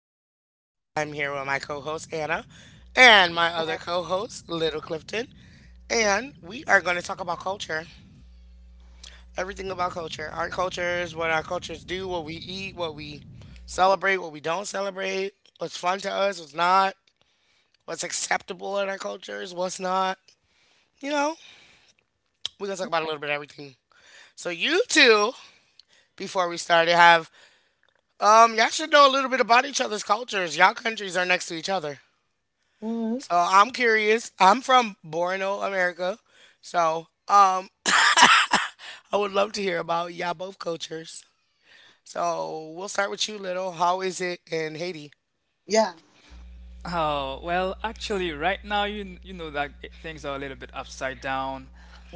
host, Veronica. I'm here with my co host, Anna, and my other co host, Little Clifton. And we are going to talk about culture everything about culture, our cultures, what our cultures do, what we eat, what we celebrate, what we don't celebrate, what's fun to us, what's not, what's acceptable in our cultures, what's not. You know, we're going to talk about a little bit of everything. So, you two, before we started, have y'all should know a little bit about each other's cultures. Y'all countries are next to each other. So I'm curious. I'm from Borno, America. So um, I would love to hear about y'all both cultures. So we'll start with you, Little. How is it in Haiti? Oh, well, actually, right now things are a little bit upside down,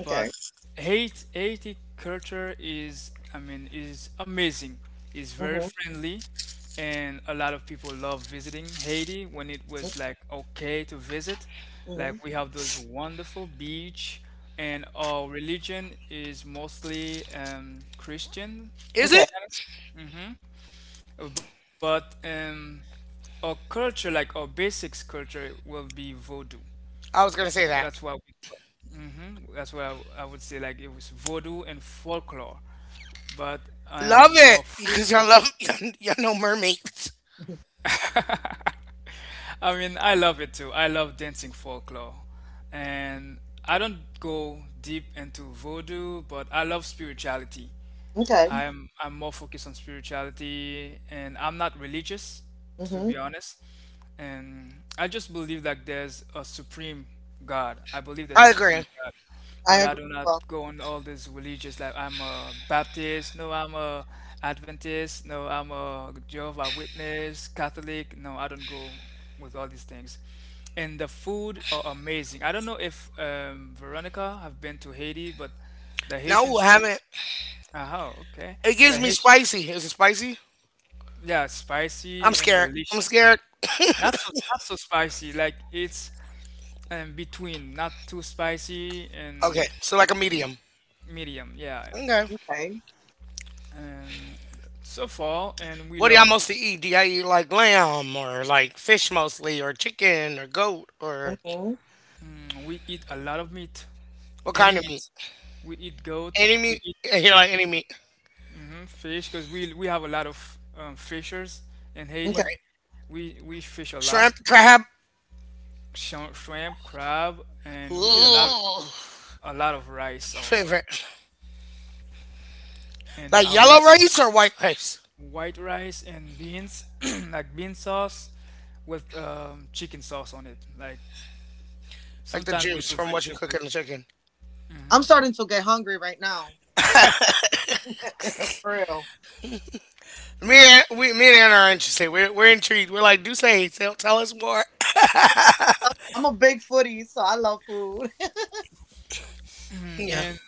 but Haiti culture is, I mean, is amazing. It's very friendly, and a lot of people love visiting Haiti when it was like okay to visit. Like we have those wonderful beach, and our religion is mostly Christian, Is it? Christianity. But our culture, like our basics culture, will be Vodou. I was gonna That's say what that. we That's what I, w- I would say. Like it was Vodou and folklore. But Love our it food. because y'all love y'all know mermaids. I mean, I love it too. I love dancing folklore, and I don't go deep into Vodou, but I love spirituality. I'm more focused on spirituality, and I'm not religious, to be honest. And I just believe that there's a supreme God. I believe there's a I supreme agree. God. But I do not go on all this religious like I'm a Baptist, no I'm a Adventist, no I'm a Jehovah Witness, Catholic. No, I don't go with all these things. And the food are amazing. I don't know if Veronica have been to Haiti, but the Haitian No, I food. haven't. Oh, okay. It The gives me Haitian, spicy. Is it spicy? yeah, spicy I'm and scared. I'm delicious. scared. Not so spicy, like it's in between, not too spicy and Okay, so like a medium. medium. Yeah. Okay. And so far, and we What do y'all love mostly eat? Do y'all eat like lamb or like fish mostly or chicken or goat or we eat a lot of meat, what any kind of meat. meat? We eat goat, Any we meat? eat Yeah, you like chicken, any meat. Fish, because we have a lot of fishers in Haiti. Right. We fish a lot, Shrimp, crab. sh shrimp, crab, Ooh, and we eat a lot. my A lot of rice also. favorite. And Like our yellow rice, rice or white rice? white rice and beans, like bean sauce with chicken sauce on it. Like Like the sometimes we juice do from what you cook in the vegetables. chicken. Me and Anna are interested. We're intrigued. We're like, tell us more. Yeah. And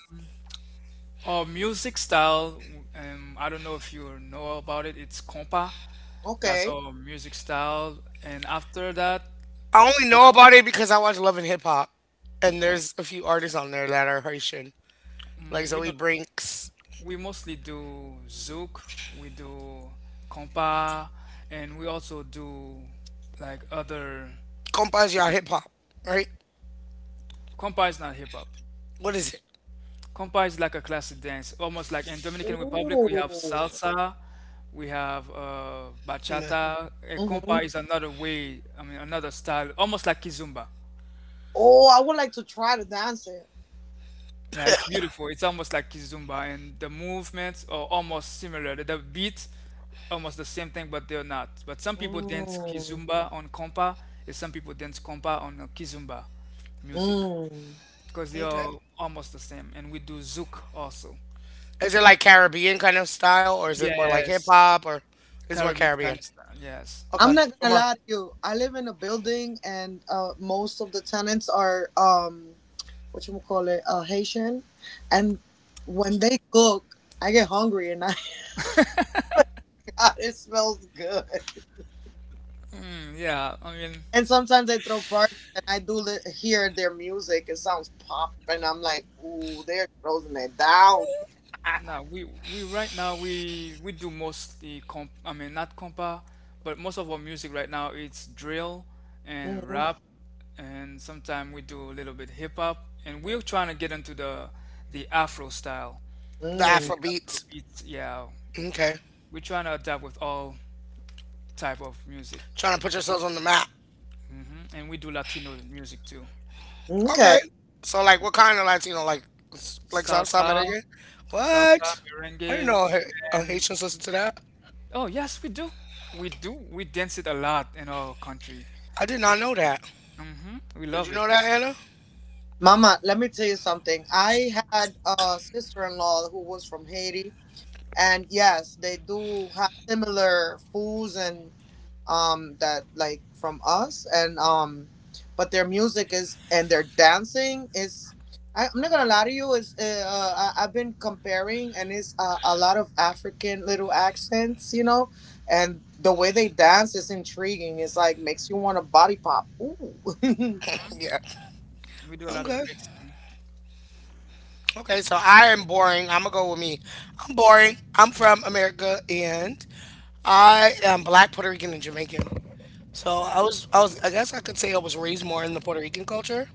our music style, I don't know if you know about it, it's compa. That's our music style. And after that, I only for the, know about it because I watch Love and Hip Hop, and there's a few artists on there that are Haitian, like we Zoe don't Brinks we mostly do zouk, we do compa, and we also do like other. Compas you hip hop, right? Compa is not hip hop. What is it? Compa is like a classic dance, almost like in Dominican Republic we have salsa, we have Hmm. bachata. Eh, compa is another way, I mean another style, almost like kizumba. Yeah, it's beautiful. It's almost like kizumba, and the movements are almost similar. The beat, almost the same thing, but they're not. But some people dance kizumba on compa, and some people dance compa on kizumba music, because they Okay. are almost the same. And we do zouk also. Is it like Caribbean kind of style, or is it more like hip Yes, hop, or is it more Caribbean Caribbean? Afghanistan, yes. Okay, so more Mm, yeah, I mean, now we right now we do mostly comp. I mean, not compa, but most of our music right now it's drill and rap, and sometimes we do a little bit hip hop, and we're trying to get into the Afro style, the like the Afro Afro beats. beats. Yeah, Okay, we're trying to adapt with all type of music, trying to put yourselves on the map. And we do Latino music too, Okay, so like what kind of Latino, like like Southside salsa, Medellin? salsa, What? I didn't merengue, know and. Haitians listen to that. Oh, yes, we do. We do. We dance it a lot in our country. I did not know that. We Did love you it. know that, Anna? Yeah. We do a lot Okay. of mixing. Okay. So I am boring. I'm gonna go with me. I'm boring. I'm from America, and I am black, Puerto Rican, and Jamaican. So I guess I could say I was raised more in the Puerto Rican culture,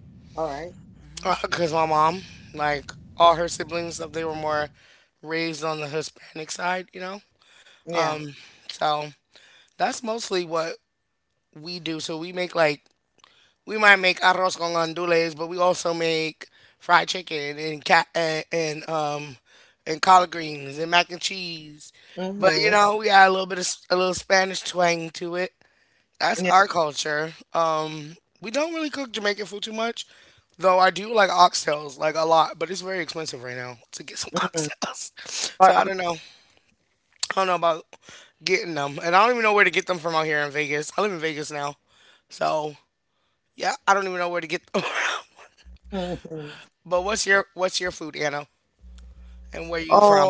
hmm because my mom, like all her siblings, stuff they were more raised on the Hispanic side, you know. So that's mostly what we do. So we might make arroz con gandules, but we also make fried chicken and cat and collard greens and mac and cheese. But you know, we got a little bit of a little Spanish twang to it. That's our culture. We don't really cook Jamaican food too much, though I do like oxtails like a lot, but it's very expensive right now to get some oxtails. So I don't know about getting them, and I don't even know where to get them from out here in Vegas. I live in Vegas now, so yeah, I don't even know where to get them. But what's your food, Anna, and where you from?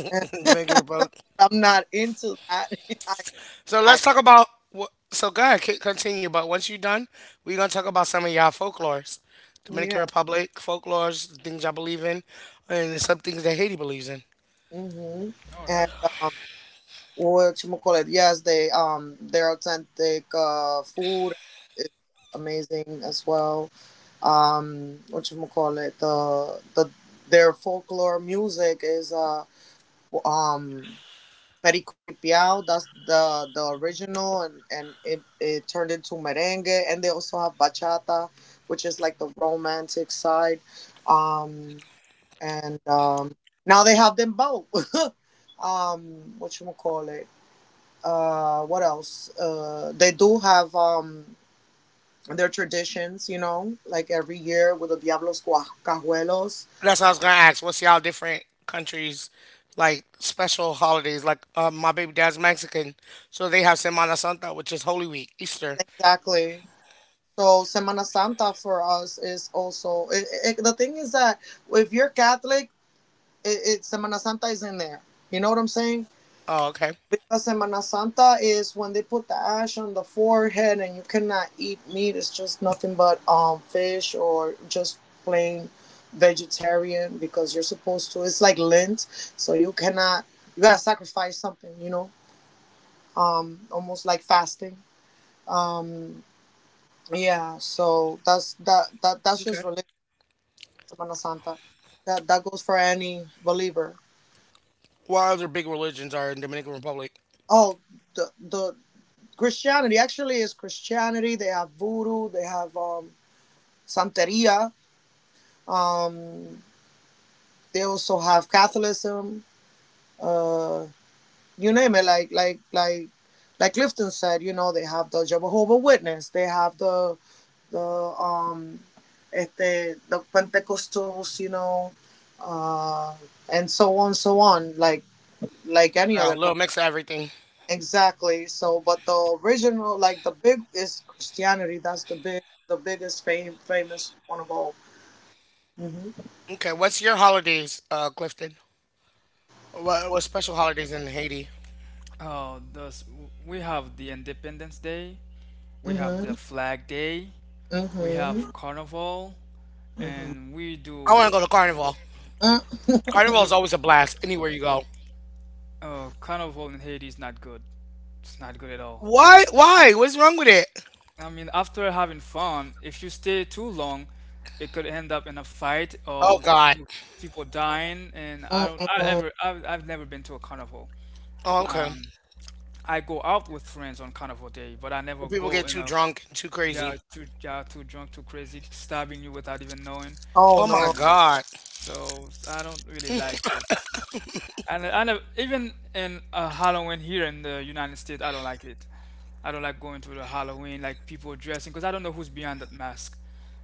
Jamaican Republic. So let's talk about. So go ahead, continue. But once you're done, we're gonna talk about some of y'all folklores, Dominican Republic folklores, the things y'all believe in, and some things that Haiti believes in. All right. That's what I was gonna ask. What's y'all different countries like special holidays? Like my baby dad's Mexican, so they have Semana Santa, which is Holy Week, Easter. Oh, okay. Okay. What other big religions are in Dominican Republic? A little mix of everything. Okay, what's your holidays, Clifton? What special holidays in Haiti? Oh, thus we have the Independence Day, we have the Flag Day, we have Carnival, and we I do. want to go to Carnival. Carnival You, is always a blast anywhere you go. Carnival in Haiti is not good. It's not good at all. Why? Why? What's wrong with it? I mean, after having fun, if you stay too long, it could end up in a fight or Oh God. People dying. And I don't, I ever, I've never been to a carnival. Oh, okay. Um, I go out with friends on carnival day, but I So never people go get in too a. drunk and too crazy. Yeah, too drunk, too crazy, stabbing you without even knowing. Oh my And God. so I don't really like it. And I never, even in Halloween here in the United States, I don't like it. I don't like going to the Halloween, like people dressing, because I don't know who's behind that mask.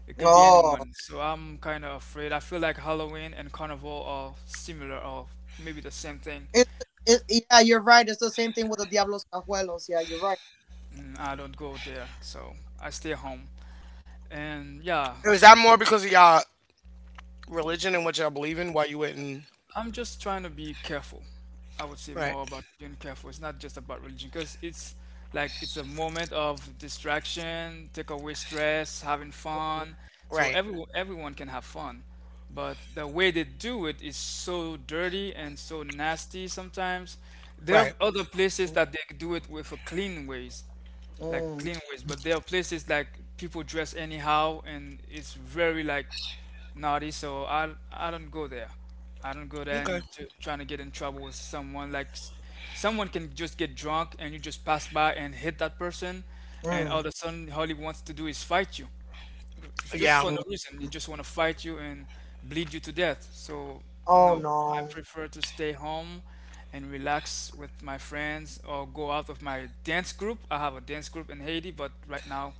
It could be anyone. So I'm kind of afraid. I feel like Halloween and Carnival are similar or maybe the same thing. I don't go there, so I stay home. And yeah, Is that more because of y'all religion and what y'all believe in? Why you wouldn't? I'm just trying to be careful. I would say Right. more about being careful. It's not just about religion because it's like it's a moment of distraction, take away stress, having fun. So Right. everyone can have fun, but the way they do it is so dirty and so nasty sometimes. There are Right. other places that they do it with a clean ways, like clean ways, but there are places like people dress anyhow and it's very like naughty, so I don't go there. I don't go there Okay. and trying to get in trouble with someone like someone can just get drunk and you just pass by and hit that person, and all of a sudden all he wants to do is fight you, just Yeah. for no reason. They just want to fight you and bleed you to death. So, no, I prefer to stay home and relax with my friends or go out with my dance group. I have a dance group in Haiti, but right now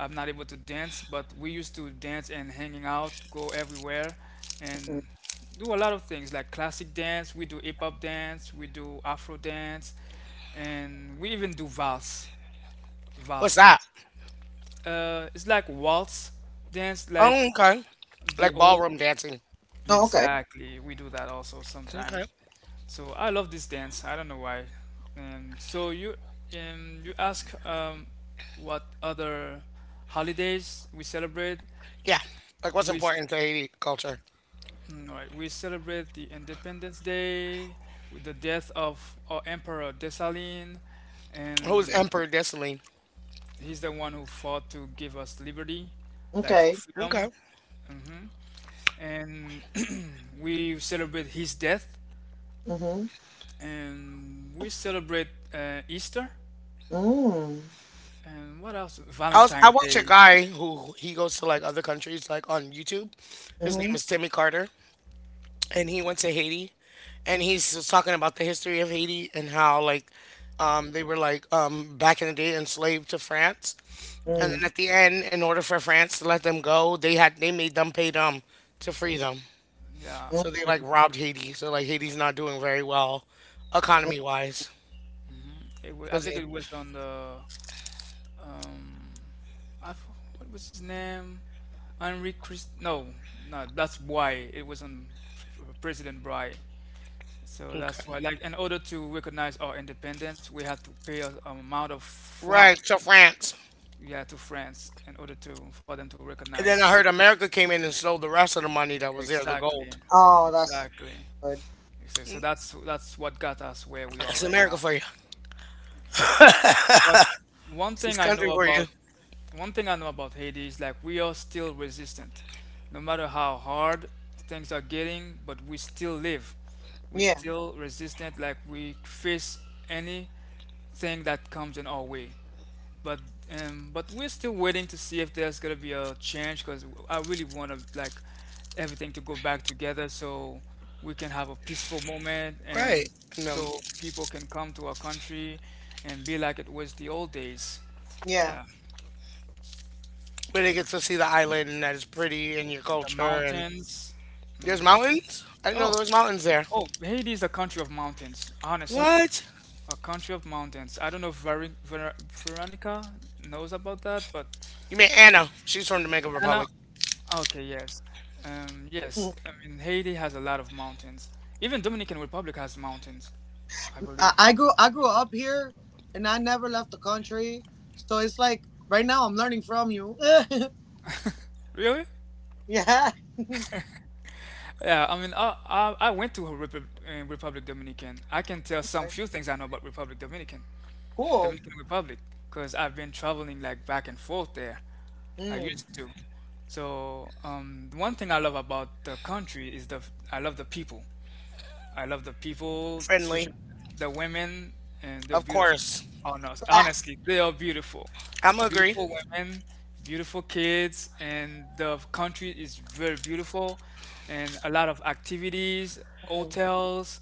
I'm not able to dance. But we used to dance and hanging out, go everywhere, and do a lot of things like classic dance. We do hip hop dance, we do Afro dance, and we even do vals, What's vals that? dance. It's like waltz dance, Oh, like okay. the Like old, ballroom dancing. exactly. We do that also Okay. sometimes. So I love this dance. I don't know why. So you ask what other holidays we celebrate? Yeah. Like what's We, s- important to Haiti culture? All right, we celebrate the Independence Day with the death of our Emperor Dessalin, Who's and Emperor Dessaline? he's the one who fought to give us liberty, like for Okay. freedom. And we celebrate his death, and we celebrate Easter and what else? I was I Valentine's watch a Day. guy who he goes to like other countries like on YouTube. His name is Timmy Carter, and he went to Haiti, and he's just talking about the history of Haiti and how like they were like back in the day enslaved to France, and then at the end, in order for France to let them go, they had they made them pay them to free them. Yeah, So they like robbed Haiti. So like Haiti's not doing very well economy exactly. wise I because think it was on the um, I, f- what was his name? Henri Christ. No, no, that's why it was on President Bry. So that's okay. why, like, in order to recognize our independence, we had to pay an amount of franc, Right to France. yeah, to France in order to for them to And recognize. then I heard America came in and stole the rest of the money that was there, the Exactly, gold. exactly. Exactly. So that's what got us where we are That's right America now. for you. But one It's this thing I country know for you. about one thing I know about Haiti is like we are still resistant, no matter how hard things are getting. But we still live. We still resistant. Like we face anything that comes in our way, but but we're still waiting to see if there's gonna be a change because I really want to like everything to go back together so we can have a peaceful moment Right. and And so people can come to our country and be like it was the old days. Yeah, but they get to see the island and that is pretty and your the culture and mountains. there's hmm mountains? I didn't know Oh, there was mountains there. oh, Haiti is a country of mountains. Honestly, What? a country of mountains. I don't know if Veri Ver Veronica knows about that, but. You mean Anna. She's from Dominican And now, Republic. okay, yes, yes. I mean, Haiti has a lot of mountains. Even Dominican Republic has mountains, I believe. Really? Yeah. I mean, I went to Republic, Republic Dominican. I can tell some few things I know about Republic Dominican, Dominican Republic, because I've been traveling like back and forth there. I used to. So one thing I love about the country is the I love the people. I love the people, Friendly. especially the women, and they're Of beautiful. course. Oh no, honestly, they are beautiful. I'ma agree. Beautiful women, beautiful kids, and the country is very beautiful, and a lot of activities, hotels,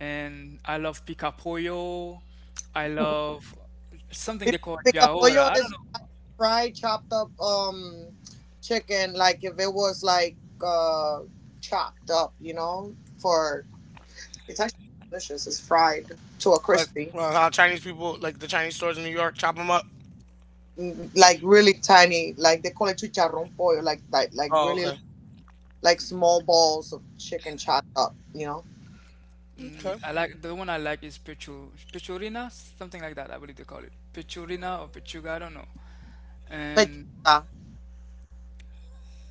and I love Picapoyo. I love something they call Yaora. I don't know. Like well, how Chinese people like the Chinese stores in New York chop them up. Oh, okay. Mm, Okay. I like is Pichu, Pichurina, something like that. I believe they call it Pichurina or Pichuga. I don't know. And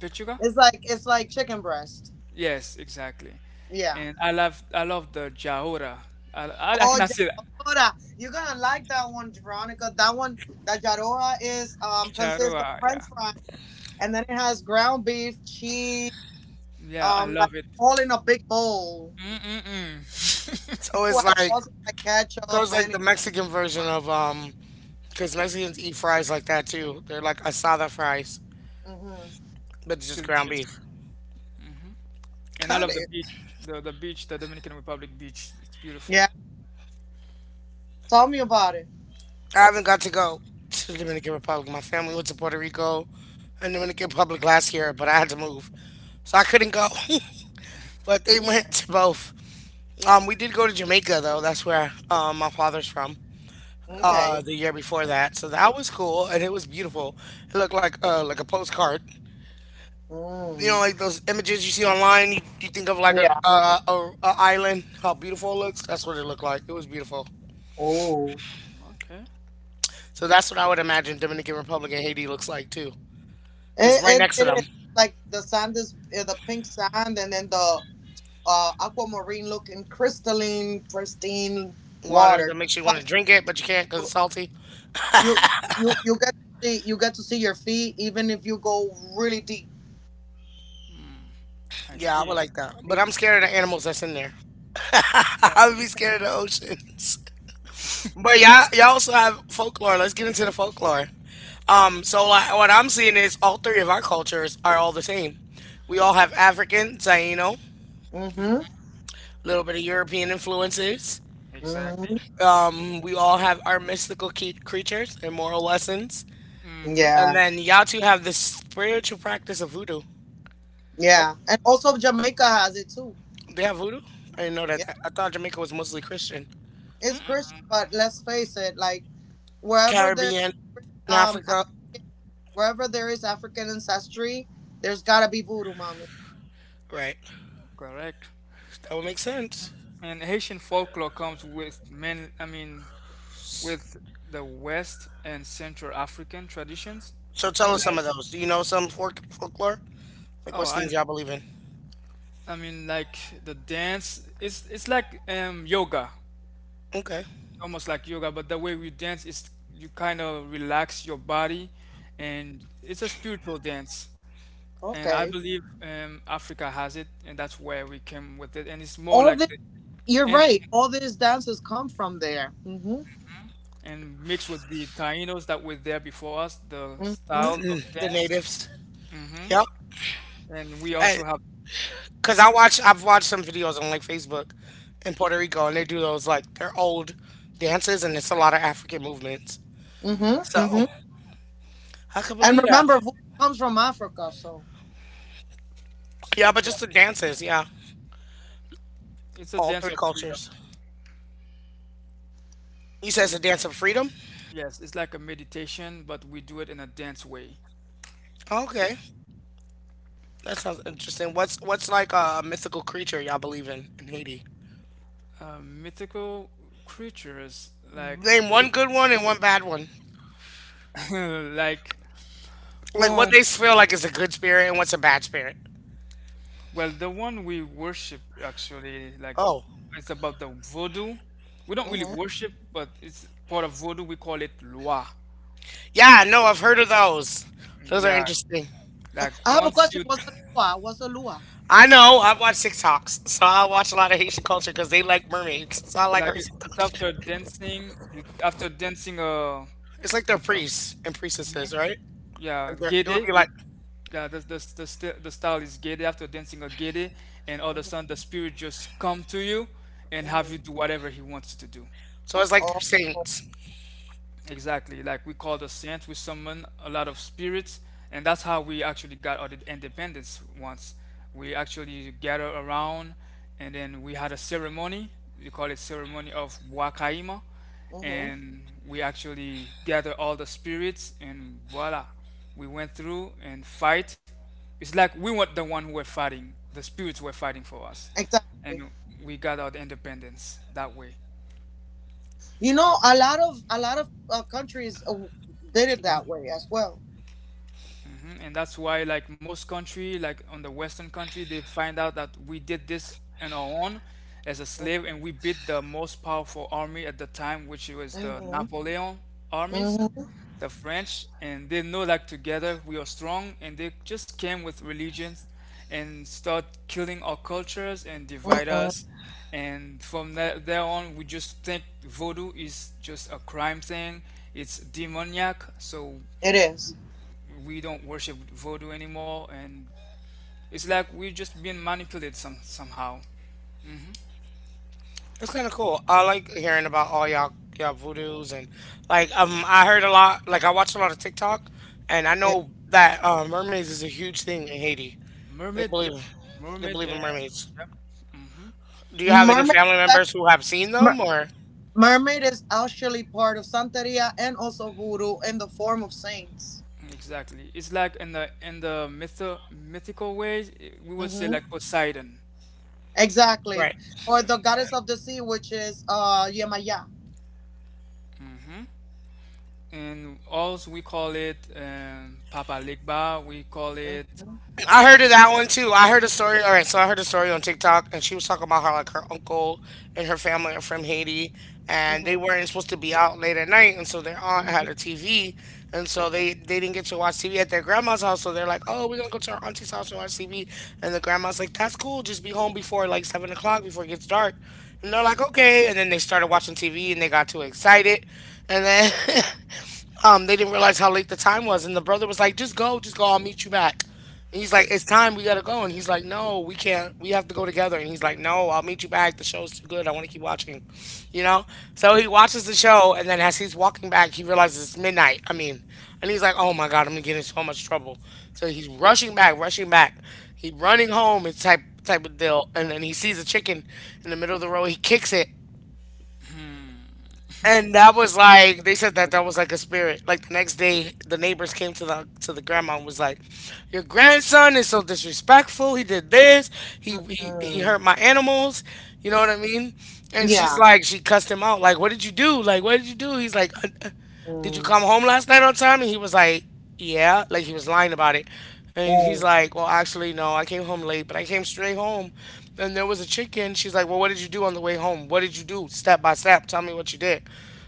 Pechuga? Yes, exactly. And I love the jahora. I cannot say that. Jahora, yeah. Yeah, I love it. Mm-mm-mm. So it's like so it's like the Mexican version of because Mexicans eat fries like that too. They're like asada fries, but it's It's just ground delicious. beef. And I Got love the it. beach, the beach, the Dominican Republic beach. It's beautiful. I haven't got to go to the Dominican Republic. My family went to Puerto Rico and Dominican Republic last year, but I had to move, so I couldn't go. But they went to both. We did go to Jamaica though. That's where my father's from. The year before that, so that was cool and it was beautiful. It looked like a postcard. You know, like those images you see online. You think of like a island, how beautiful it looks. That's what it looked like. It was beautiful. Okay. So that's what I would imagine Dominican Republic and Haiti looks like too, because it's right next to them. Water that makes you want to drink it, but you can't because it's salty. Mm, I Yeah, I would see. like that. But I'm scared of the animals that's in there. I would be scared of the oceans. But y'all also have folklore. Let's get into the folklore. So like, what I'm seeing is all three of our cultures are all the same. We all have African, Taino, a little bit of European influences. Exactly. We all have our mystical creatures and moral lessons. Mm-hmm. And then y'all two have this spiritual practice of voodoo. Yep. They have voodoo? I didn't know that. I thought Jamaica was mostly Christian. Mm-mm. Caribbean and Africa. Right. Correct. That would make sense. And Haitian folklore comes with men, I mean, with the West and Central African traditions. So tell us some Like, of those. Do you know some folklore? Like oh, what's things y'all believe in? I mean, like the dance, it's like yoga, Okay. almost like yoga, but the way we dance is you kind of relax your body, and it's a spiritual dance. And I believe Africa has it, and that's where we came with it. And it's more like the Indian and mixed with the Tainos that were there before us, the style of The dance. natives. hmm Yep. And we also And have, cuz I've watched some videos on like Facebook in Puerto Rico and they do those like they're old dances and it's a lot of African movements. So, I could believe that. Yeah, but just exactly. the dances, yeah. It's a All dance three of freedom. cultures. You said it's a It's, dance of freedom? yes, it's like a meditation, but we do it in a dance way. Okay. That sounds interesting. What's like a mythical creature y'all believe in Haiti? Mythical creatures like Name one good one and one bad one. like Like what oh, they feel like is a good spirit and what's a bad spirit. well, the one we worship actually, like Oh. it's about the voodoo. We don't really worship, but it's part of voodoo. We call it lua. Yeah, no, I've heard of those. Those are Yeah, interesting. like once you I know. I've watched TikToks, so I watch a lot of Haitian culture because they like mermaids. So I like like her. It's it's after dancing you, after dancing like they're priests and priestesses, right? yeah Like they're, it would be gede like we yeah the style is gede after dancing a gede, and all of a sudden the spirit just come to you and have you do whatever he wants you to do. so. It's like they're saints. Exactly. Like we call the saints, we summon a lot of spirits, and that's how we actually got our independence once. We actually gather around, and then we had a ceremony. We call it ceremony of Wakaima, and we actually gather all the spirits, and voila, we went through and fight. It's like we weren't the one who were fighting; the spirits were fighting for us, and we got our independence that way. Mhm. And that's why, like most country, like on the Western country, they find out that we did this on our own as a slave, and we beat the most powerful army at the time, which was the Napoleon armies, the French, and they know like together we are strong, and they just came with religions and start killing our cultures and divide us. And from that there on, we just think voodoo is just a crime thing. It's demoniac, so we don't worship voodoo anymore, and it's like we're just being manipulated somehow. It's kind of cool. I like hearing about all y'all voodoos and like. I heard a lot. Like I watch a lot of TikTok, and I know that mermaids is a huge thing in Haiti. They Mermaid, yep, believe they mermaid, believe in and mermaids. yep. Hmm, Do you have any family members who have seen them or? exactly. It's like in the myth mythical ways, eh, we would say like Poseidon. Right. Yeah, Poseidon. Hmm. And also we call it Papa Legba. We call it I heard of that one too. I heard a story. All right, so I heard a story on TikTok, and she was talking about how like her uncle and her family are from Haiti, and they weren't supposed to be out late at night, and so their aunt had a TV, and so they didn't get to watch TV at their grandma's house. So they're like, "Oh, we're gonna go to our auntie's house and watch TV," and the grandma's like, "That's cool. Just be home before like 7 o'clock before it gets dark." And they're like, "Okay," and then they started watching TV, and they got too excited, and then. They didn't realize how late the time was, and the brother was like, "Just go, just go. I'll meet you back." And he's like, "It's time. We gotta go." And he's like, "No, we can't. We have to go together." And he's like, "No, I'll meet you back. The show's too good. I want to keep watching." You know. So he watches the show, and then as he's walking back, he realizes it's midnight. I mean, and he's like, "Oh my god, I'm gonna get in so much trouble." So he's rushing back, rushing back. He running home. It's type of deal. And then he sees a chicken in the middle of the road. He kicks it, hmm, and that was like they said that that was like a spirit. Like the next day, the neighbors came to the grandma and was like, "Your grandson is so disrespectful. He did this. He hurt my animals. You know what I mean?" And she's hmm, like, she cussed him out. Like, "What did you do? Like, what did you do?" He's like, did you come home last night on time? And he was like, yeah, like he was lying about it. And he's like, well, actually, no, I came home late, but I came straight home. And there was a chicken. She's like, well, what did you do on the way home? What did you do? Step by step, tell me what you did.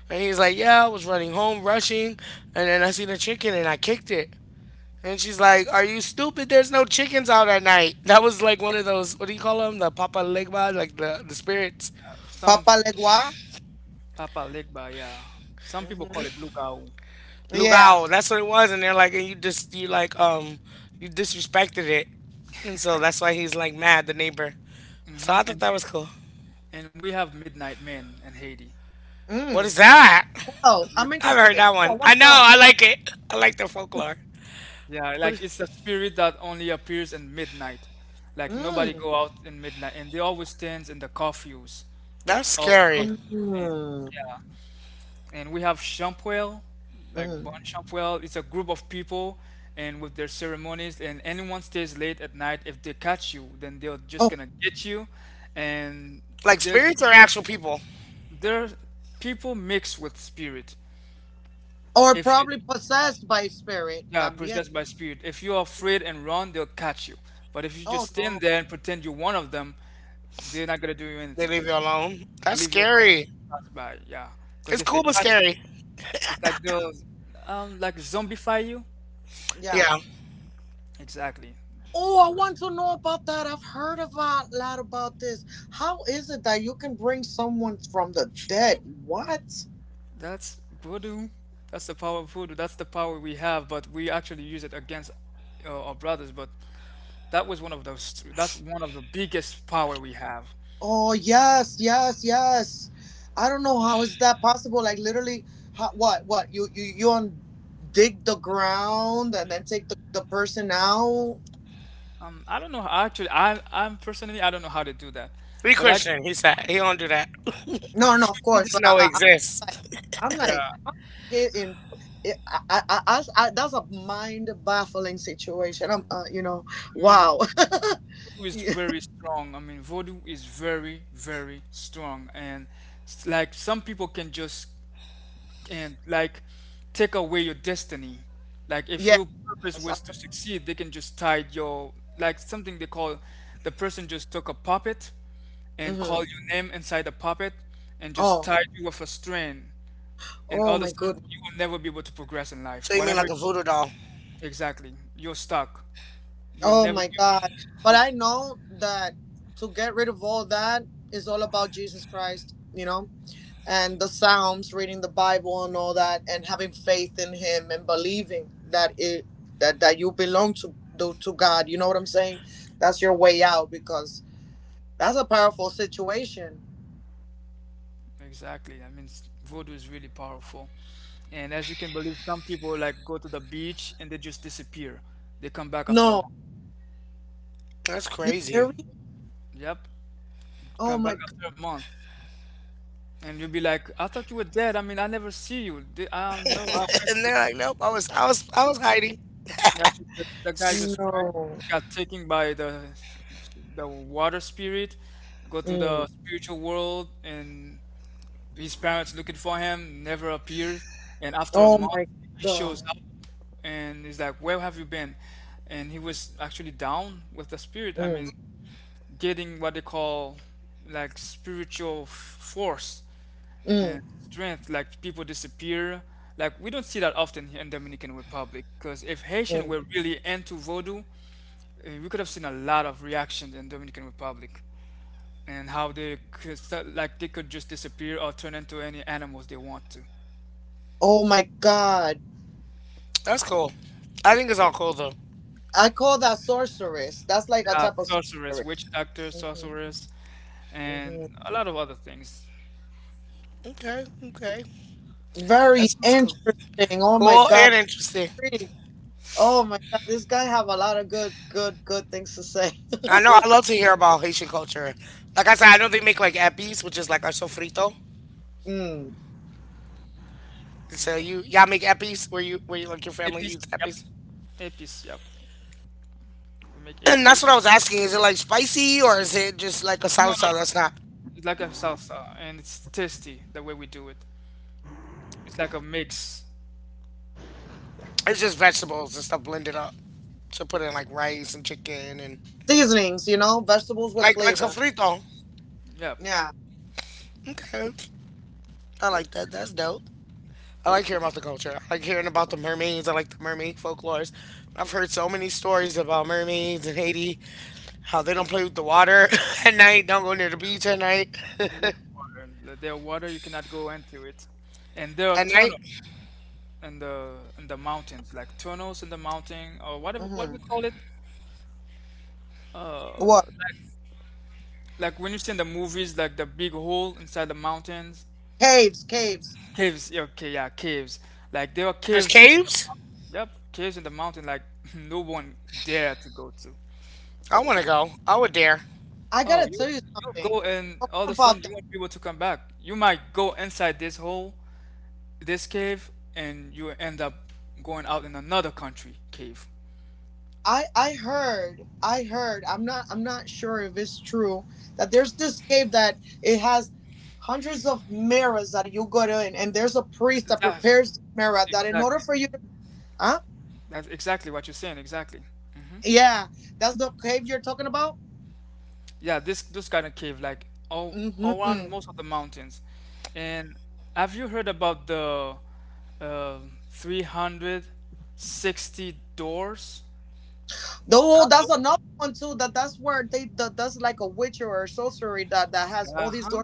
And he's like, yeah, I was running home, rushing. And then I seen a chicken and I kicked it. And she's like, are you stupid? There's no chickens out at night. That was like one of those, what do you call them? The Papa Legba, like the spirits. some Papa Legba. Yeah, some people call it Lugao. Lugao. That's what it was. And they're like, and you just you like you disrespected it, and so that's why he's like mad. The neighbor. So I Hmm. thought that was cool. And we have Midnight Men in Haiti. What is that? The I midnight. haven't heard that one. I know. I like it. I like their folklore. Yeah, What? like Is, it's a spirit that only appears in midnight. Like nobody go out in midnight, and they always stands in the curfews. that's All curfews, scary. and yeah, and we have Shampuel, like Bon Shampuel. It's a group of people, and with their ceremonies, and anyone stays late at night, if they catch you, then they're just gonna get you, and Like they're spirits are actual people. they're people mixed with spirit. If you yeah, possessed by spirit. If you're afraid and run, they'll catch you. But if you just stand there and pretend you're one of them, they're not gonna do you They anything. leave you alone. They'll That's leave you alone and scary. pass by. Yeah, because It's if they cool but catch you, scary. it's like they'll like zombify you. Yeah. Exactly. That's voodoo. That's the power of voodoo. That's the power we have, but we actually use it against our brothers. But that was one of those. That's one of the biggest power we have. I don't know actually, I'm personally I don't know how to do that, Be but I Christian. He said he don't do that. He just know it exists. yeah, voodoo is very strong. I mean, voodoo is very, very strong, and like some people can just and like take away your destiny. Like if your purpose was to succeed, they can just tie your like something they call the person just took a puppet and called your name inside the puppet and just tied you with a string, and all of a sudden you will never be able to progress in So life. you mean like Whatever a voodoo doll? exactly, you're stuck. You'll never be able to exactly. I mean, voodoo is really powerful. And as you can believe, some people like go to the beach and they just disappear. They come back after a month. That's crazy. Yep, come back after a month. And you'll be like, I thought you were dead. I mean, I never see you. They, no, I went and to they're the, like, nope. I was hiding. actually, the guy just went, got taken by the water spirit, go to the spiritual world, and his parents looking for him, never appears. And after a month, he shows up and is like, where have you been? And he was actually down with the spirit. I mean, getting what they call like spiritual force and strength. Like people disappear. Like we don't see that often here in Dominican Republic. Because if Haitian were really into voodoo, we could have seen a lot of reactions in Dominican Republic and how they could start, like they could just disappear or turn into any animals they want to. That's cool. I think it's all cool though. Yeah, sorceress, witch doctor, sorceress, and a lot of other things. Okay, okay. That's what's cool. Cool and interesting. I know I love to hear about Haitian culture. Like I said, I know they make like epis, which is like our sofrito. So you y'all make epis where you like your family APs, eats yep. epis. APs, yep. We make And that's APs. what I was asking. Is it like spicy or is it just like a No, no, salsa that's no. not It's like a salsa, and it's tasty the way we do it. It's like a mix. it's just vegetables and stuff blended up. So put in like rice and chicken and like sofrito. Yep. Okay. I like that. That's dope. I like hearing about the culture. I like hearing about the mermaids. I like the mermaid folklores. I've heard so many stories about mermaids in Haiti, how they don't play with the water at night, don't go near the beach at night. There was at water. There are water you cannot go into it, and there are night, tunnels in the mountains, like tunnels in the mountain, or what we call it. Uh, like, like when you see in the movies, like the big hole inside the mountains. Caves, yeah, okay, yeah, caves. Like there were there's caves in the caves. mount- yep, caves in the mountain. Like no one dared to go to. I want to go. I would dare. Oh, you go and all of a sudden you want people to come back. You might go inside this hole, this cave, and you end up going out in another country cave. That's exactly. That's exactly what you're saying. Exactly. Yeah, this those kind of cave like all around most of the mountains. And have you heard about the uh, 360 doors castle? Uh-huh.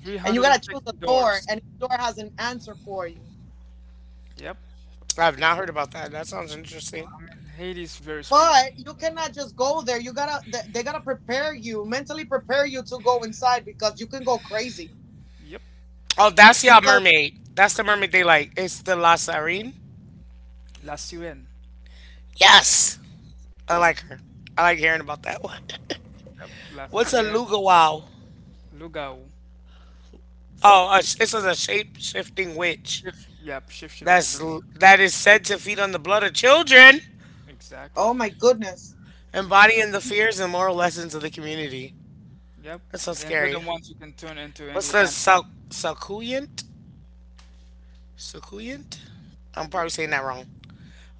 360 doors. Yep. I have not heard about that. That sounds interesting. I mean, Haiti is very spiritual. Yep. Oh, that's y'all mermaid. That's the mermaid they like. It's the La Sarine. La Sirène. Yes, I like her. I like hearing about that one. Yep. La What's a Sirène. lugawow? Lugao. Oh, a, it's a shape shifting witch. Shift. Yep. Shift shifting. That's Yep. that is said to feed on the blood of children, Exactly. embodying the fears and moral lessons of the community. Yep. That's so And they're the scary. ones who can turn into What's any the animal. sal- succulent? Succulent? I'm probably saying that wrong.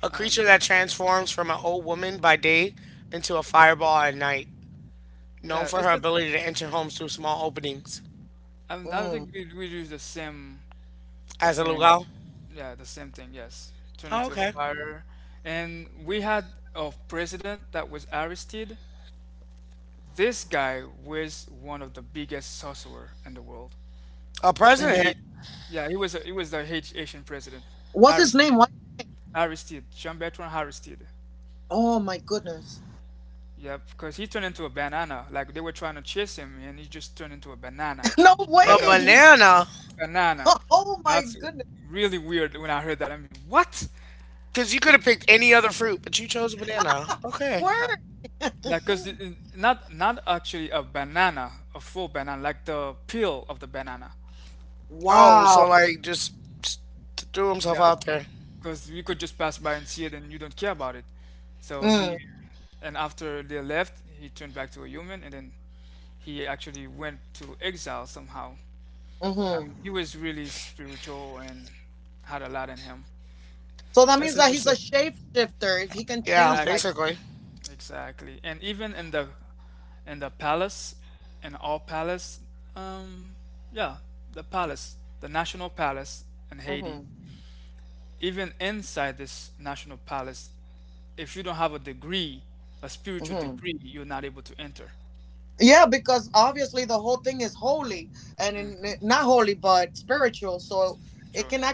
A creature maybe, that or- transforms from an old woman by day into a fireball at night, yeah. known for It's her just. ability to enter homes through small openings. I think we use the same As a and luau. yeah, the same thing. Yes, turn Oh, into a okay. fire. And we had a president that was Aristide. This guy was one of the biggest sorcerer in the world. A And he, president. yeah, he was a, he was the Haitian president, Aristide. Aristide, Jean-Bertrand Aristide. Yeah, because he turned into a banana. Like they were trying to chase him, and he just turned into a banana, A like a banana. banana. That's really weird when I heard that. I mean, what? Because you could have picked any other fruit, but you chose a banana. Okay. Yeah, like because not not actually a banana, a full banana, like the peel of the banana. Oh, so like just threw himself Yeah, out there. because you could just pass by and see it, and you don't care about it. So he, and after they left, he turned back to a human, and then he actually went to exile somehow. I mean, he was really spiritual and had a lot in him. That's interesting. Yeah, Exactly. basically. Exactly. And even in the palace, in our palace, um, yeah, the palace, the national palace in Haiti, even inside this national palace, if you don't have a degree, a spiritual degree, you're not able to enter. Hmm. Spiritual, yeah.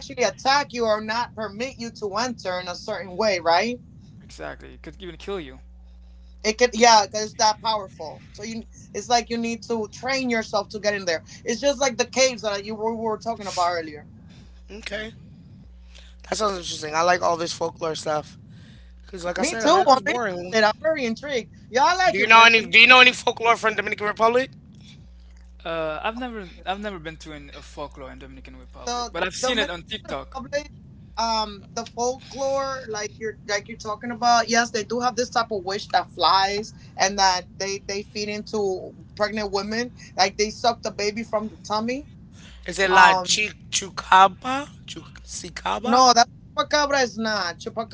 Exactly. It could even kill you. Okay. That sounds interesting. I like all this folklore stuff. Cause like I said, America's boring. Do you know any folklore from Dominican Republic? I've never been to an, a folklore in Dominican Republic, but I've seen it on TikTok. Is it La Chi Chucaba? Chu Sicaba?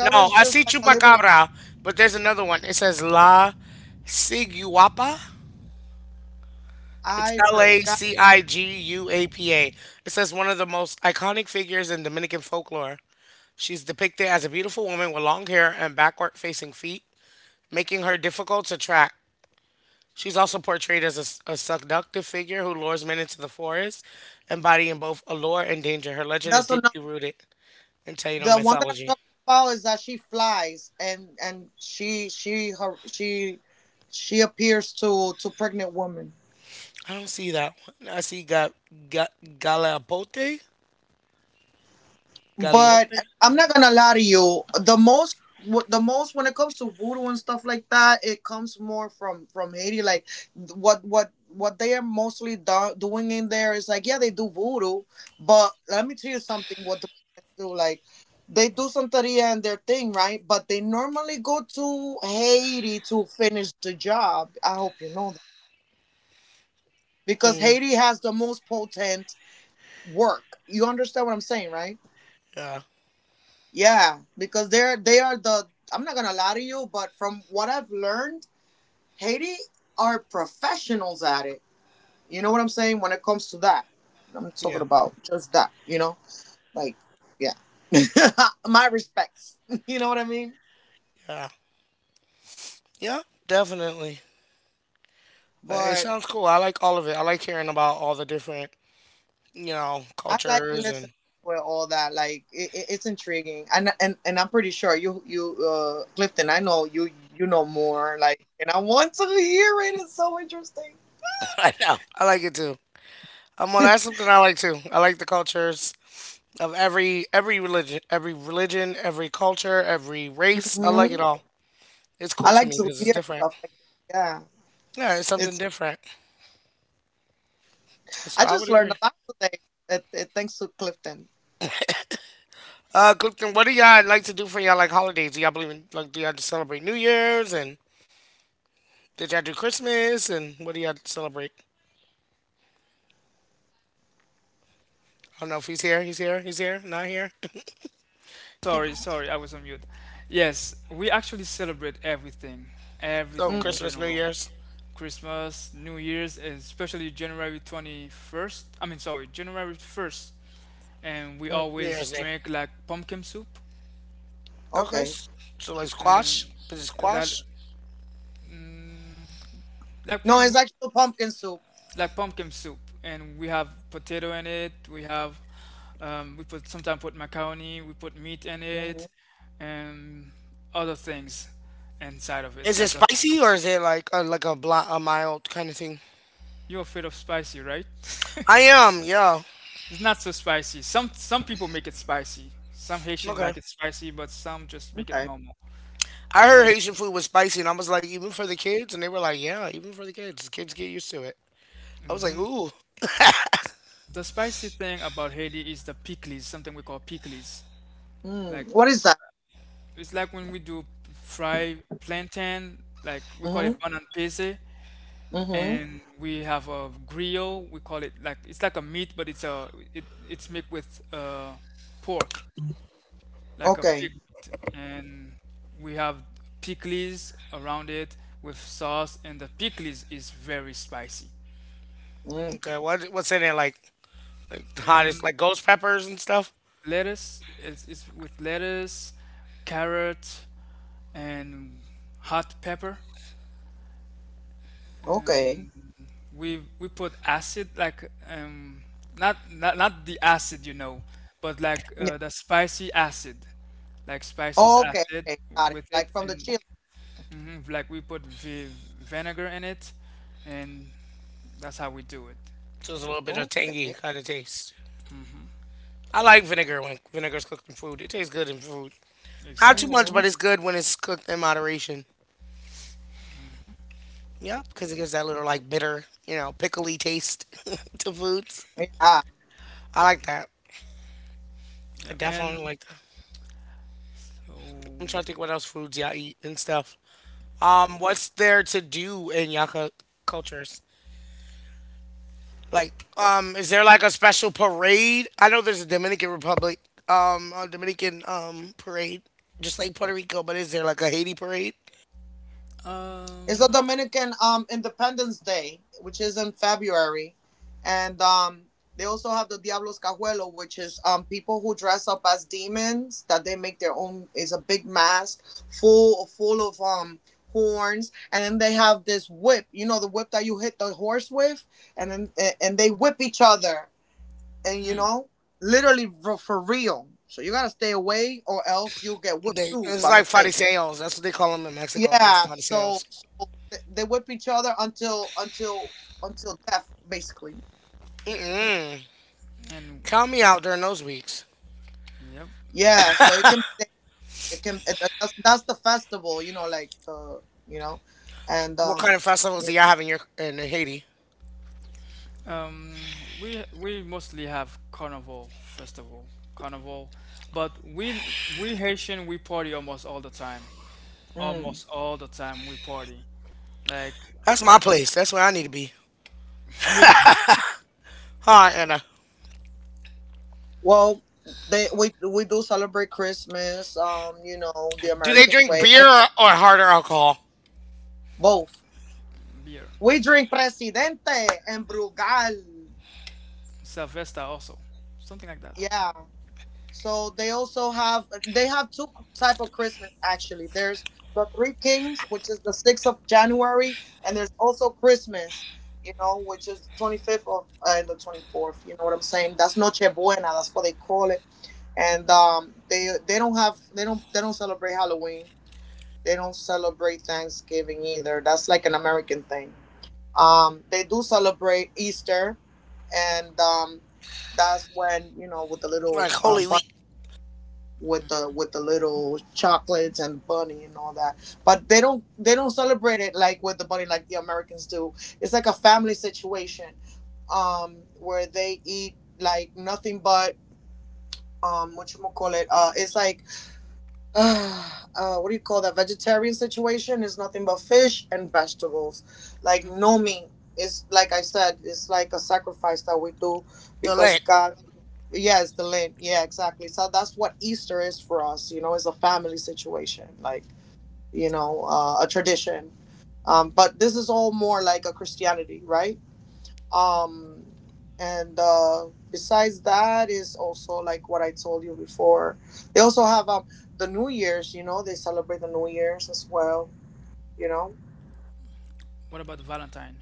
No, I see Chupacabra, but there's another one. It says La Ciguapa. It's Ciguapa. It says one of the most iconic figures in Dominican folklore. She's depicted as a beautiful woman with long hair and backward facing feet, making her difficult to track. She's also portrayed as a seductive figure who lures men into the forest, embodying both allure and danger. Her legend is deeply rooted in Taino mythology. I don't see that one. I see Galeopote? Galeope? Mm, yeah, yeah, yeah, yeah, definitely. But it sounds cool. I like all of it. I like hearing about all the different, you know, cultures and I know. I like it too. Well, that's something I like too. I like the cultures of every religion, every culture, every race. I like it all. It's cool to me because it's different. Yeah, it's something different. So I would agree. Clifton, what do y'all like to do for y'all like holidays? Do y'all believe in like do y'all just celebrate New Year's and did y'all do Christmas and what do y'all celebrate? I don't know if he's here. He's here. He's here. Not here. He- Sorry, sorry, I was on mute. Yes, we actually celebrate everything, so everything in Christmas, New general. Year's, Christmas, New Year's, especially January 21st. I mean, sorry, January 1st. And we New always Year's Day. drink like pumpkin soup. Okay, s- so like squash. And Is it that, squash? mm, like, we like pumpkin soup, and we have potato in it. We have we put sometimes put macaroni. We put meat in it, and other things inside of it, Is it like a spicy soup. or is it like a bl- a mild kind of thing? You're afraid of spicy, right? I am, yeah. It's not so spicy. Some people make it spicy. Some Haitian Okay. like it spicy, but some just make it normal. I heard And Haitian food was spicy, and I was like, even for the kids, and they were like, yeah, even for the kids get used to it. I was like, ooh, the spicy thing about Haiti is the pickles, something we call pickles. Like it's like when we do fry plantain, like we call it banan pese. And we have a grill. We call it like it's like a meat, but it's made with pork, like a pig meat, and we have pickles around it with sauce, and the pickles is very spicy. okay. What what's in it? Like the hottest, And like ghost peppers and stuff. lettuce is with lettuce, carrot, and hot pepper. And we put acid like not not the acid you know but like the spicy acid like spices acid with it and mhm, like we put vinegar in it and that's how we do it So it's a little bit of tangy kind of taste. I like vinegar when vinegar's cooked in food. It tastes good in food. Not too exactly much, but it's good when it's cooked in moderation. Yeah, because it gives that little like bitter, you know, pickly taste to foods. I like that. I yep and definitely like I'm trying so to think what else foods y'all eat and stuff. What's there to do in y'all cultures? Like, is there like a special parade? I know there's a Dominican Republic, a Dominican parade, just like Puerto Rico. But is there like a Haiti parade? um They, it's like fariseos. That's what they call them in Mexico. They're fariseos. Mm-mm. and Count me out during those weeks. yep. What kind of festivals do y'all have in your in Haiti? Um, we mostly have carnival festival, carnival, but we Haitian we party almost all the time, almost all the time we party, like That's my place. That's where I need to be. really Hi, Anna. Do they drink beer or harder alcohol? beer, Sylvester also, something like that. Like Holy Week, the Lent, What about Valentine?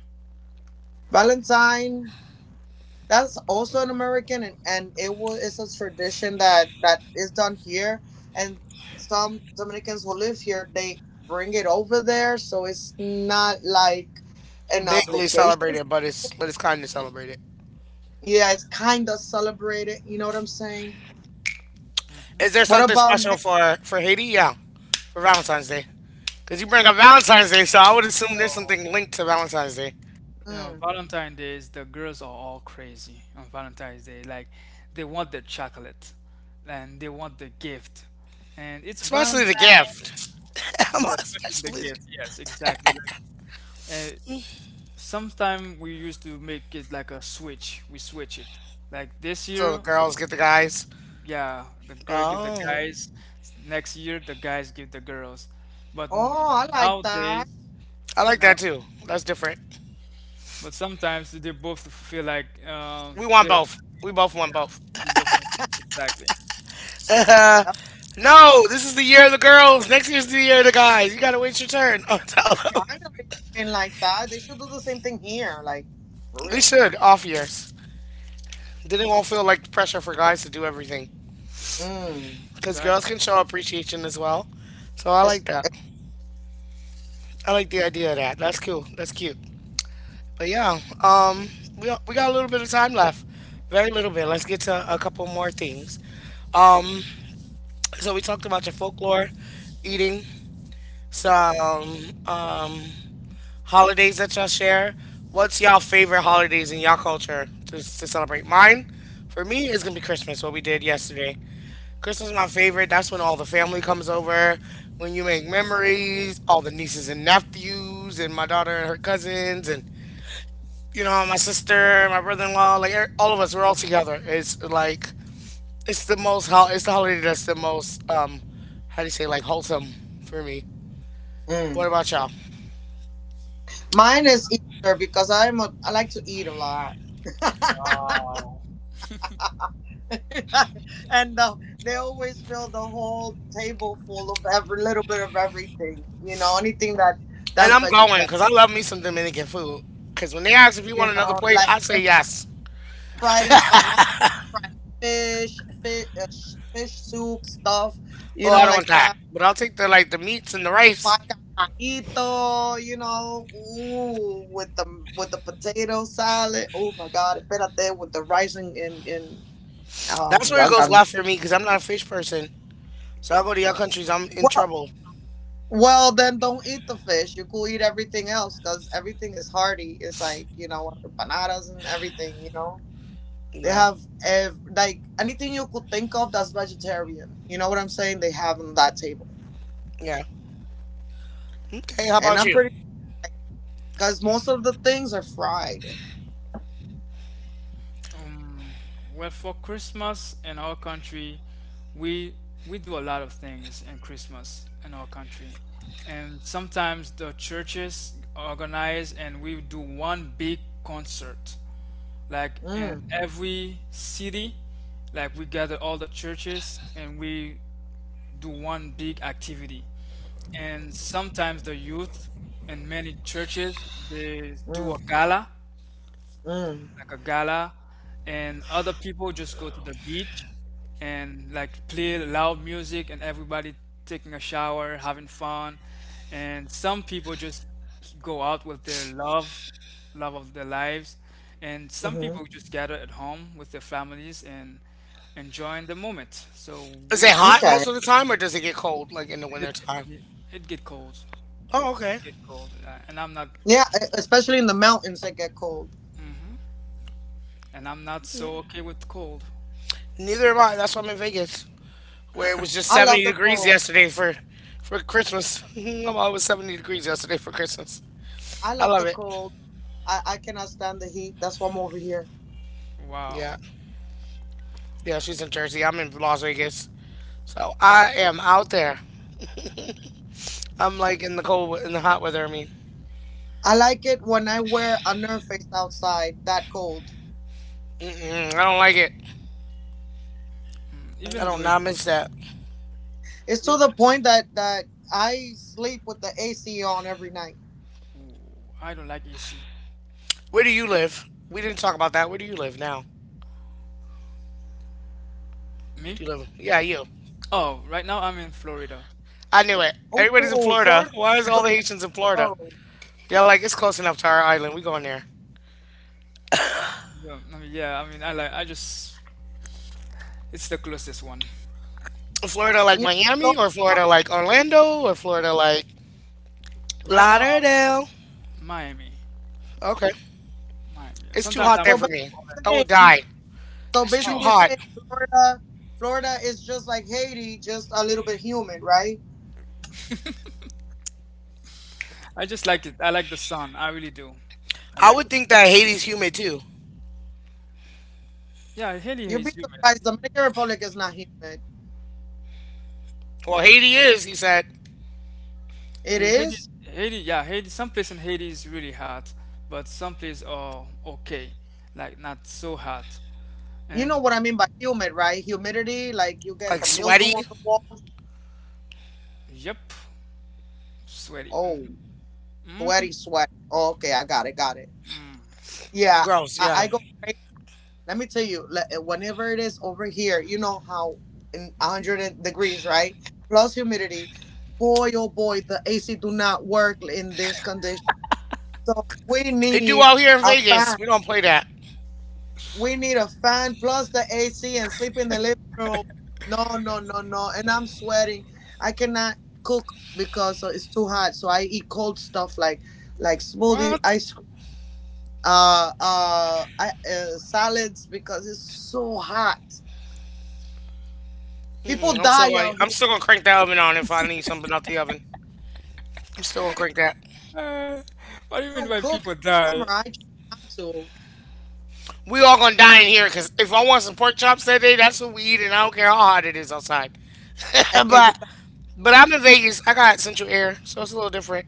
bigly celebrated, but it's kind of celebrated. Is there something special for Haiti? Yeah, for Valentine's Day, because you bring up Valentine's Day, so I would assume there's something linked to Valentine's Day, You know, Valentine days, the girls are all crazy on Valentine's Day. Like, they want the chocolate and they want the gift. And it's especially the Valentine. gift. Yeah, especially the especially the gift. Yes, exactly. Like, Uh, sometime we used to make it like a switch. We switch it. Like this so the year, girls get the guys. yeah, the girl give the Oh, guys. Next year, the guys give the girls. But n- Nowadays, I like now, that too. That's different. but sometimes they both feel like We want they don't both. want to do We it. both want both. Yeah, you both want to do it. Exactly. Uh, no, this is the year of the girls. Next year's the year of the guys. You gotta wait your turn. Oh, tell them. We should off years. Didn't won't feel like the pressure for guys to do everything because Exactly. girls can show appreciation as well. So I like Mm. that. I like the idea of that. That's cool. That's cute. But yeah, we got a little bit of time left. Very little bit. Let's get to a couple more things. Um, so we talked about your folklore, eating, some holidays that y'all share. What's y'all favorite holidays in y'all culture to celebrate? Mine, for me, is gonna be Christmas. What we did yesterday. Christmas is my favorite. That's when all the family comes over, when you make memories, all the nieces and nephews, and my daughter and her cousins, and you know, my sister, my brother in law, like all of us, we're all together. It's like, it's the most, hol- it's the holiday that's the most, how do you say, like wholesome for me. What about y'all? Wow. And I'm going because I love me some Dominican food. Because when they ask if you want another plate, I say yes. Oh, I don't want that. But I'll take the like the meats and the rice. That's where it goes left for me because I'm not a fish person. So I go to your countries, I'm in trouble. Yeah. Yeah. Okay. How about you? Um, well, for Christmas in our country, we we do a lot of things in Christmas in our country, and sometimes the churches organize and we do one big concert. Like in every city, like we gather all the churches and we do one big activity. And sometimes the youth in many churches they do a gala like a gala, and other people just go to the beach and like play loud music and everybody taking a shower, having fun. And some people just go out with their love, love of their lives. And some people just gather at home with their families and enjoying the moment. So Is it we hot most of the time, or does it get cold like in the it, winter time? it, it get cold. Oh, It okay. get cold. And I'm not so okay with cold. Neither am I. That's why I'm in Vegas, where it was just 70 degrees yesterday for Christmas. I'm always 70 degrees yesterday for Christmas. I love it. Yeah. Wow. Yeah, she's in Jersey. I'm in Las Vegas. So I am out there. I'm like in the cold, in the hot weather, I mean. Mm-mm, I don't like it. I Even though don't it's not miss that. even I don't like AC. Where do you live? We didn't talk about that. Where do you live now? Me? Two dozen. Yeah, you. Oh, right now I'm in Florida. I knew it. Everybody's in Florida. Why is all the Haitians in Florida? Yeah, like it's close enough to our island. We going there. Yeah, I mean, I like, I just, it's the closest one. Florida like Miami or Florida like Orlando or Florida like Right now I'm Lauderdale. Miami. Okay. Miami. It's too Sometimes hot I am there to for me. I will Orlando. die. It's too Oh, hot. I just like it. I like the sun. I really do. I I like would it. think that Haiti's humid too. Yeah, Haiti is humid. Well, Haiti is, he said. Yeah, Haiti. Some places in Haiti is really hot, but some places are okay, like not so hot. And Like sweaty. yep, sweaty. Hmm mm Gross, yeah. They do out here in Vegas. We don't play that. What? Mm-mm, I'm still gonna crank that oven on if I need something out the oven. I'm still gonna crank that. Uh, what do you mean by people die? We all gonna die in here because if I want some pork chops that day, that's what we eat, and I don't care how hot it is outside. but but I'm in Vegas. I got Central Air, so it's a little different.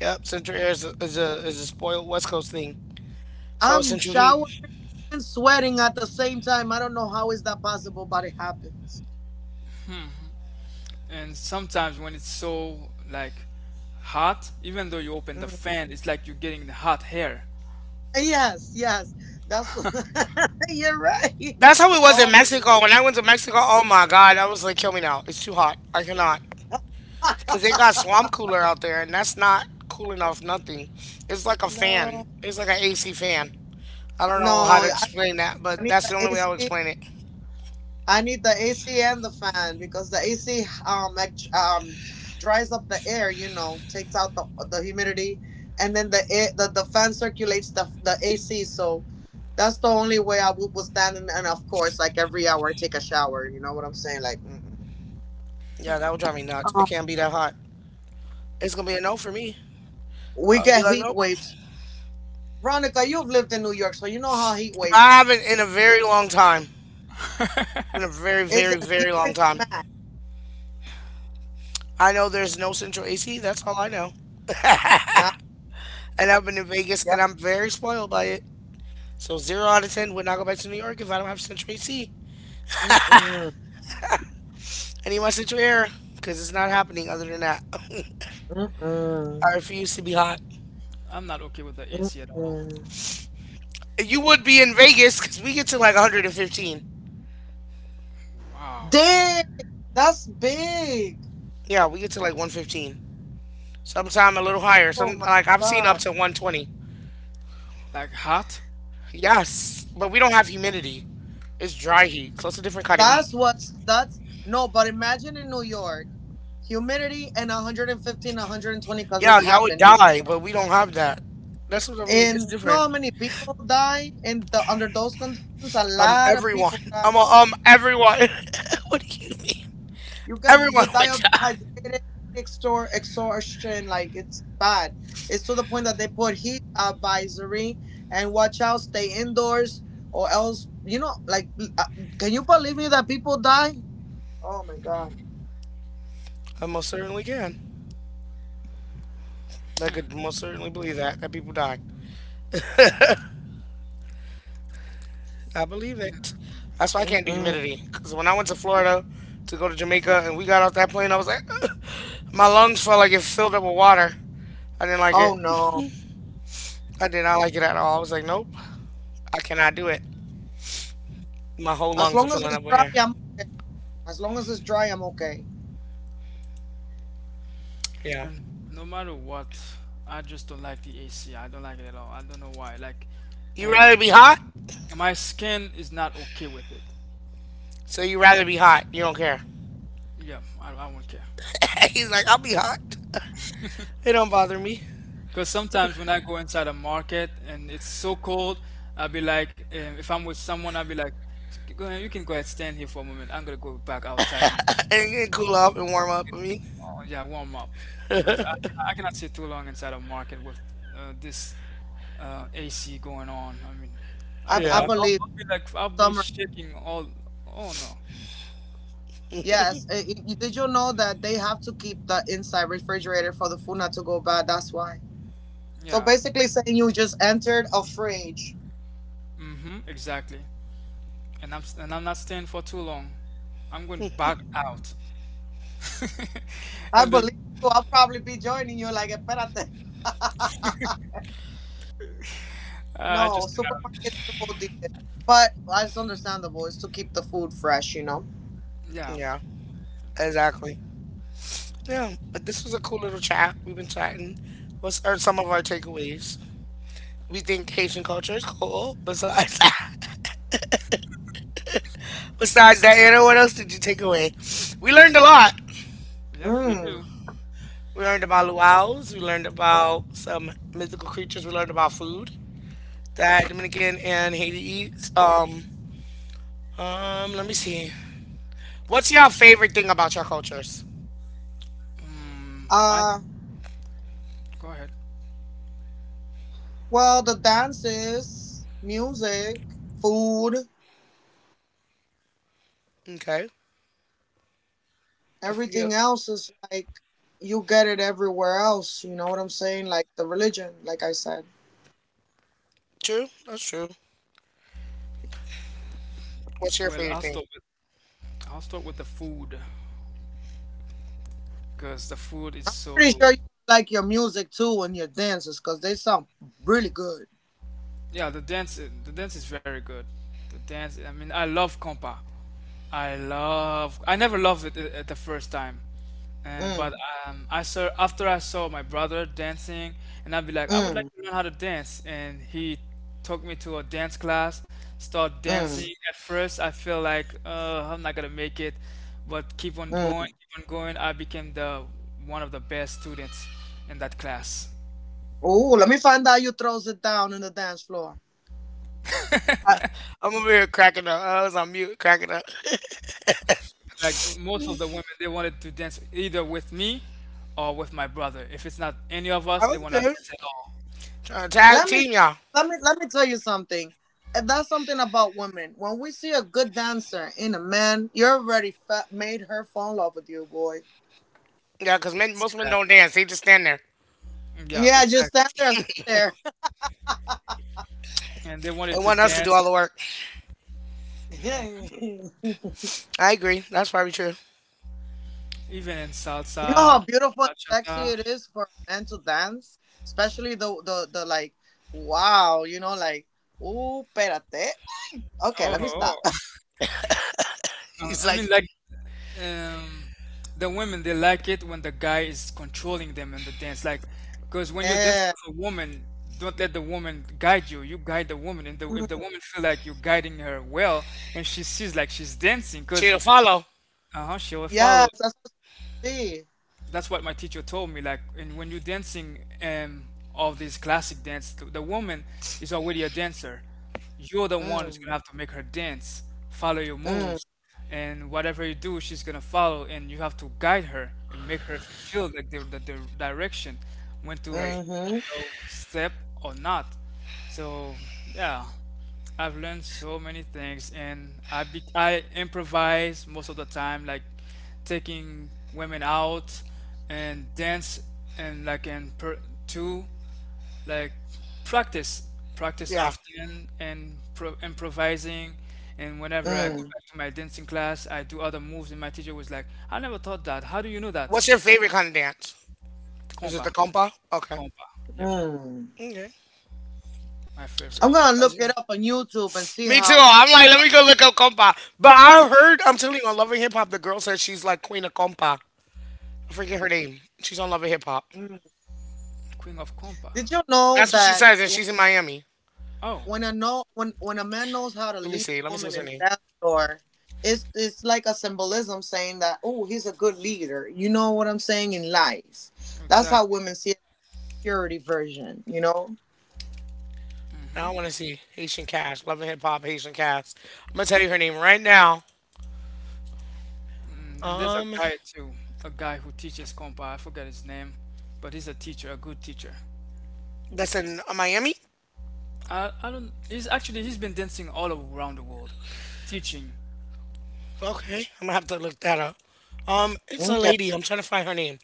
Yep, Central Air is a spoiled West Coast thing. So it's Central Heat. And sometimes when it's so like hot, even though you open the fan, it's like you're getting the hot hair. That's how it was in Mexico. When I went to Mexico, oh my God, I was like, kill me now. It's too hot. I cannot. Cause they got swamp cooler out there, and that's not cooling off nothing. It's like a fan. It's like an AC fan. I don't know how to explain that, but that's the only way I would explain it. Yeah, that would drive me nuts. I can't be that hot. It's gonna be a no for me. I'll be like, nope. I haven't in a very long time. It's been a very, very, very long time. I know there's no central AC. That's all I know. And I've been in Vegas, and I'm very spoiled by it. So zero out of ten would not go back to New York if I don't have central AC. I need my central air because it's not happening. Other than that, I refuse to be hot. I'm not okay with the AC at all. You would be in Vegas because we get to like 115. Wow. Yeah, we get to like 115. Sometime a little higher. Some like I've seen up to 120. Like hot? Yes, but we don't have humidity. It's dry heat, so it's a different kind of heat. Yeah, y'all would die, but we don't have that. That's what I mean. It's different. Everyone. Everyone. What do you mean? Everyone would die. I most certainly can. I could most certainly believe that people die. I believe it. That's why I can't do humidity. Cause when I went to Florida to go to Jamaica and we got off that plane, I was like, my lungs felt like it filled up with water. I didn't like it. I did not like it at all. I was like, nope, I cannot do it. My whole lungs are filling up with air. Yeah. And no matter what, I just don't like the AC. I don't like it at all. I don't know why. You rather um, be hot? my skin is not okay with it. So you rather be hot. You don't care. Yeah, I won't care. He's like, I'll be hot. It don't bother me. Because sometimes when I go inside a market and it's so cold, I'll be like, if I'm with someone, I'll be like, go ahead, you can go ahead, stand here for a moment. I'm gonna go back outside and And cool off and warm up. I mean, oh, yeah, warm up. Because I cannot sit too long inside a market with this AC going on. I mean, I can, yeah, I'll be like, I'll be shaking all, oh no. Yeah. Mm-hmm, exactly. And I'm not staying for too long. I'm going back out. And the I just, you know, yeah, yeah, exactly. Yeah, but this was a cool little chat. We've been chatting. What's are some of our takeaways? We think Haitian culture is cool. Besides that, besides that, Anna, what else did you take away? We learned a lot. Yes, we do. We learned about luau's. We learned about some mythical creatures. We learned about food that Dominican and Haiti eats. Let me see. What's your favorite thing about your cultures? Mm, my, Go ahead. Okay. That's good. True. That's true. Well, What's I'll your start favorite with thing? I'll start with the food because the food is so good. Yeah, the dance is very good. The dance, I mean, I love compa. I love. I never loved it at the first time, and but I saw after I saw my brother dancing, and I'd be like, I would like to learn how to dance, and he took me to a dance class, start dancing. At first, I feel like I'm not gonna make it, but keep on going, keep on going. I became the one of the best students in that class. I, I'm over here cracking up. I was on mute cracking up. Like most of the women, they wanted to dance either with me or with my brother. If it's not any of us, I'm they will not good. dance at all. Trying to tag team y'all. Yeah, because men, most men Yeah, don't dance. They just stand there Yeah, exactly. And they and wanted to want us to do dance, all the work. mm, I agree. That's probably true. even in salsa, bachata. Oh, oh. Uh, He's I like, mean, like, um, the women they like it when the guy is controlling them in the dance. Like, because when you're dancing with a woman, don't let the woman guide you. You guide the woman, and if the woman feel like you're guiding her well, and she sees like she's dancing, because chill, follow. Uh-huh, she will follow. That's what my teacher told me. Like, and when you're dancing all these classic dance, the woman is already a dancer. You're the one who's gonna have to make her dance, follow your moves, and whatever you do, she's gonna follow, and you have to guide her and make her feel like the direction, when to, Right. you know, step or not. So yeah, I've learned so many things, and I improvise most of the time, like taking women out and dance and like and per- to like practice Yeah. often and improvising and whenever I go back to my dancing class I do other moves and my teacher was like I never thought that how do you know that What's your favorite kind of dance? Is it compa. the compa? Okay. compa yep Okay. my So favorite compa. Is your Me too. I'm like, let me go look up compa. But I heard, I'm telling you, on Loving Hip Hop, the girl says she's like queen of compa. I forget her name. She's on Loving Hip Hop. queen of compa. That's what she says, and she's in Miami. Oh, Let me see. Let me see what's her name. exactly. I hmm want to see Haitian Cash, Loving Hip Hop, Haitian Cash. I'm gonna tell you her name right now. Mm, and there's a Um, guy too, a guy who teaches compa. I forget his name, but he's a teacher, a good teacher. that's in Miami. I don't. He's actually he's been dancing all around the world, teaching. Okay, I'm gonna have to look that up. It's a lady. I'm trying to find her name.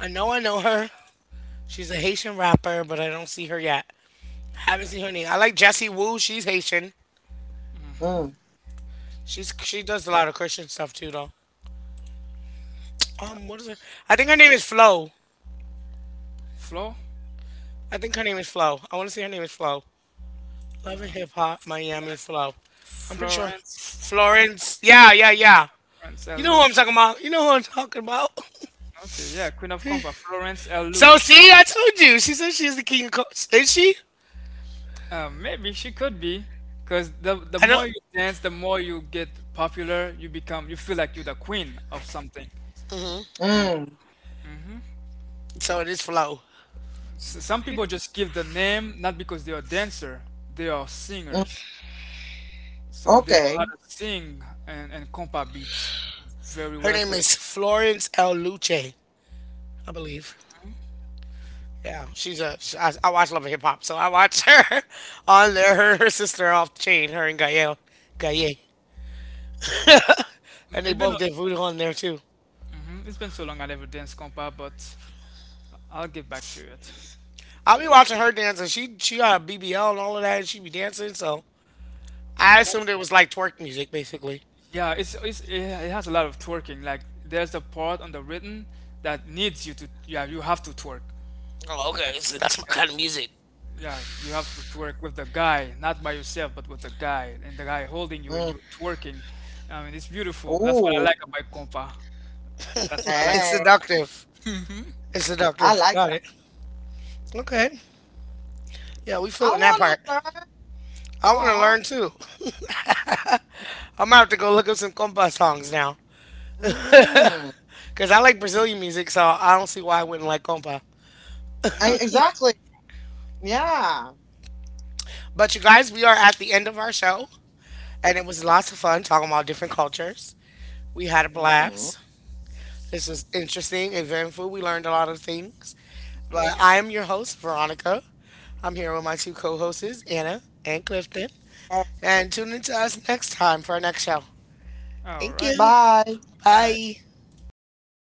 I know her. She's a Haitian rapper, but I don't see her yet. Haven't seen her name. I like Jessie Wu. She's Haitian. She does a lot of Christian stuff too, though. Yeah, What is her? I think her name is Flo. Flo, I think her name is Flo. I want to say her name is Flo. Love and Hip Hop Miami Flo. I'm pretty sure Florence, Florence. Yeah, yeah, yeah. Florence You know who I'm Elouch. talking about. You know who I'm talking about. Okay, yeah, Queen of Compa, Florence So Elouch. see, I told you. She said she's the king of coast. Is she? Maybe she could be, because the I more don't. you dance, the more you get popular. You become, you feel like you're the queen of something. And So it is Flo. Some people just give the name not because they are dancer, they are singers. So they know how to sing and compa beats very Her well. name So is Florence L. Luce, I believe. I watch Love and Hip Hop, so I watch her on there. Her sister off the chain. Her and Gael. Gaye. And they It's been both did voodoo on there too. It's been so long I never danced compa, but I'll get back to it. I will be watching her dance, and she got a BBL and all of that, and she be dancing. So I And comp assumed it was like twerk music, basically. Yeah, it has a lot of twerking. Like there's a part on the written that needs you to yeah you have to twerk. Oh, Like okay. So that's my yeah kind of music. yeah you have to twerk with the guy, not by yourself, but with the guy and the guy holding you and you twerking. I mean it's beautiful. That's what I like about compa. That's what I like It's about it. seductive. It's seductive. Got it. Okay. Yeah, we feeling that part. I want to learn too. I'm gonna have to go look up some compa songs now, cause I like Brazilian music, so I don't see why I wouldn't like compa. Yeah, compa is beautiful. But you guys, we are at the end of our show, and it was lots of fun talking about different cultures. We had a blast. This was interesting, eventful. We learned a lot of things. But I am your host, Veronica. I'm here with my two co hosts, Anna and Clifton. And tune in to us next time for our next show. Mhm. All Thank right. you. Bye. Bye.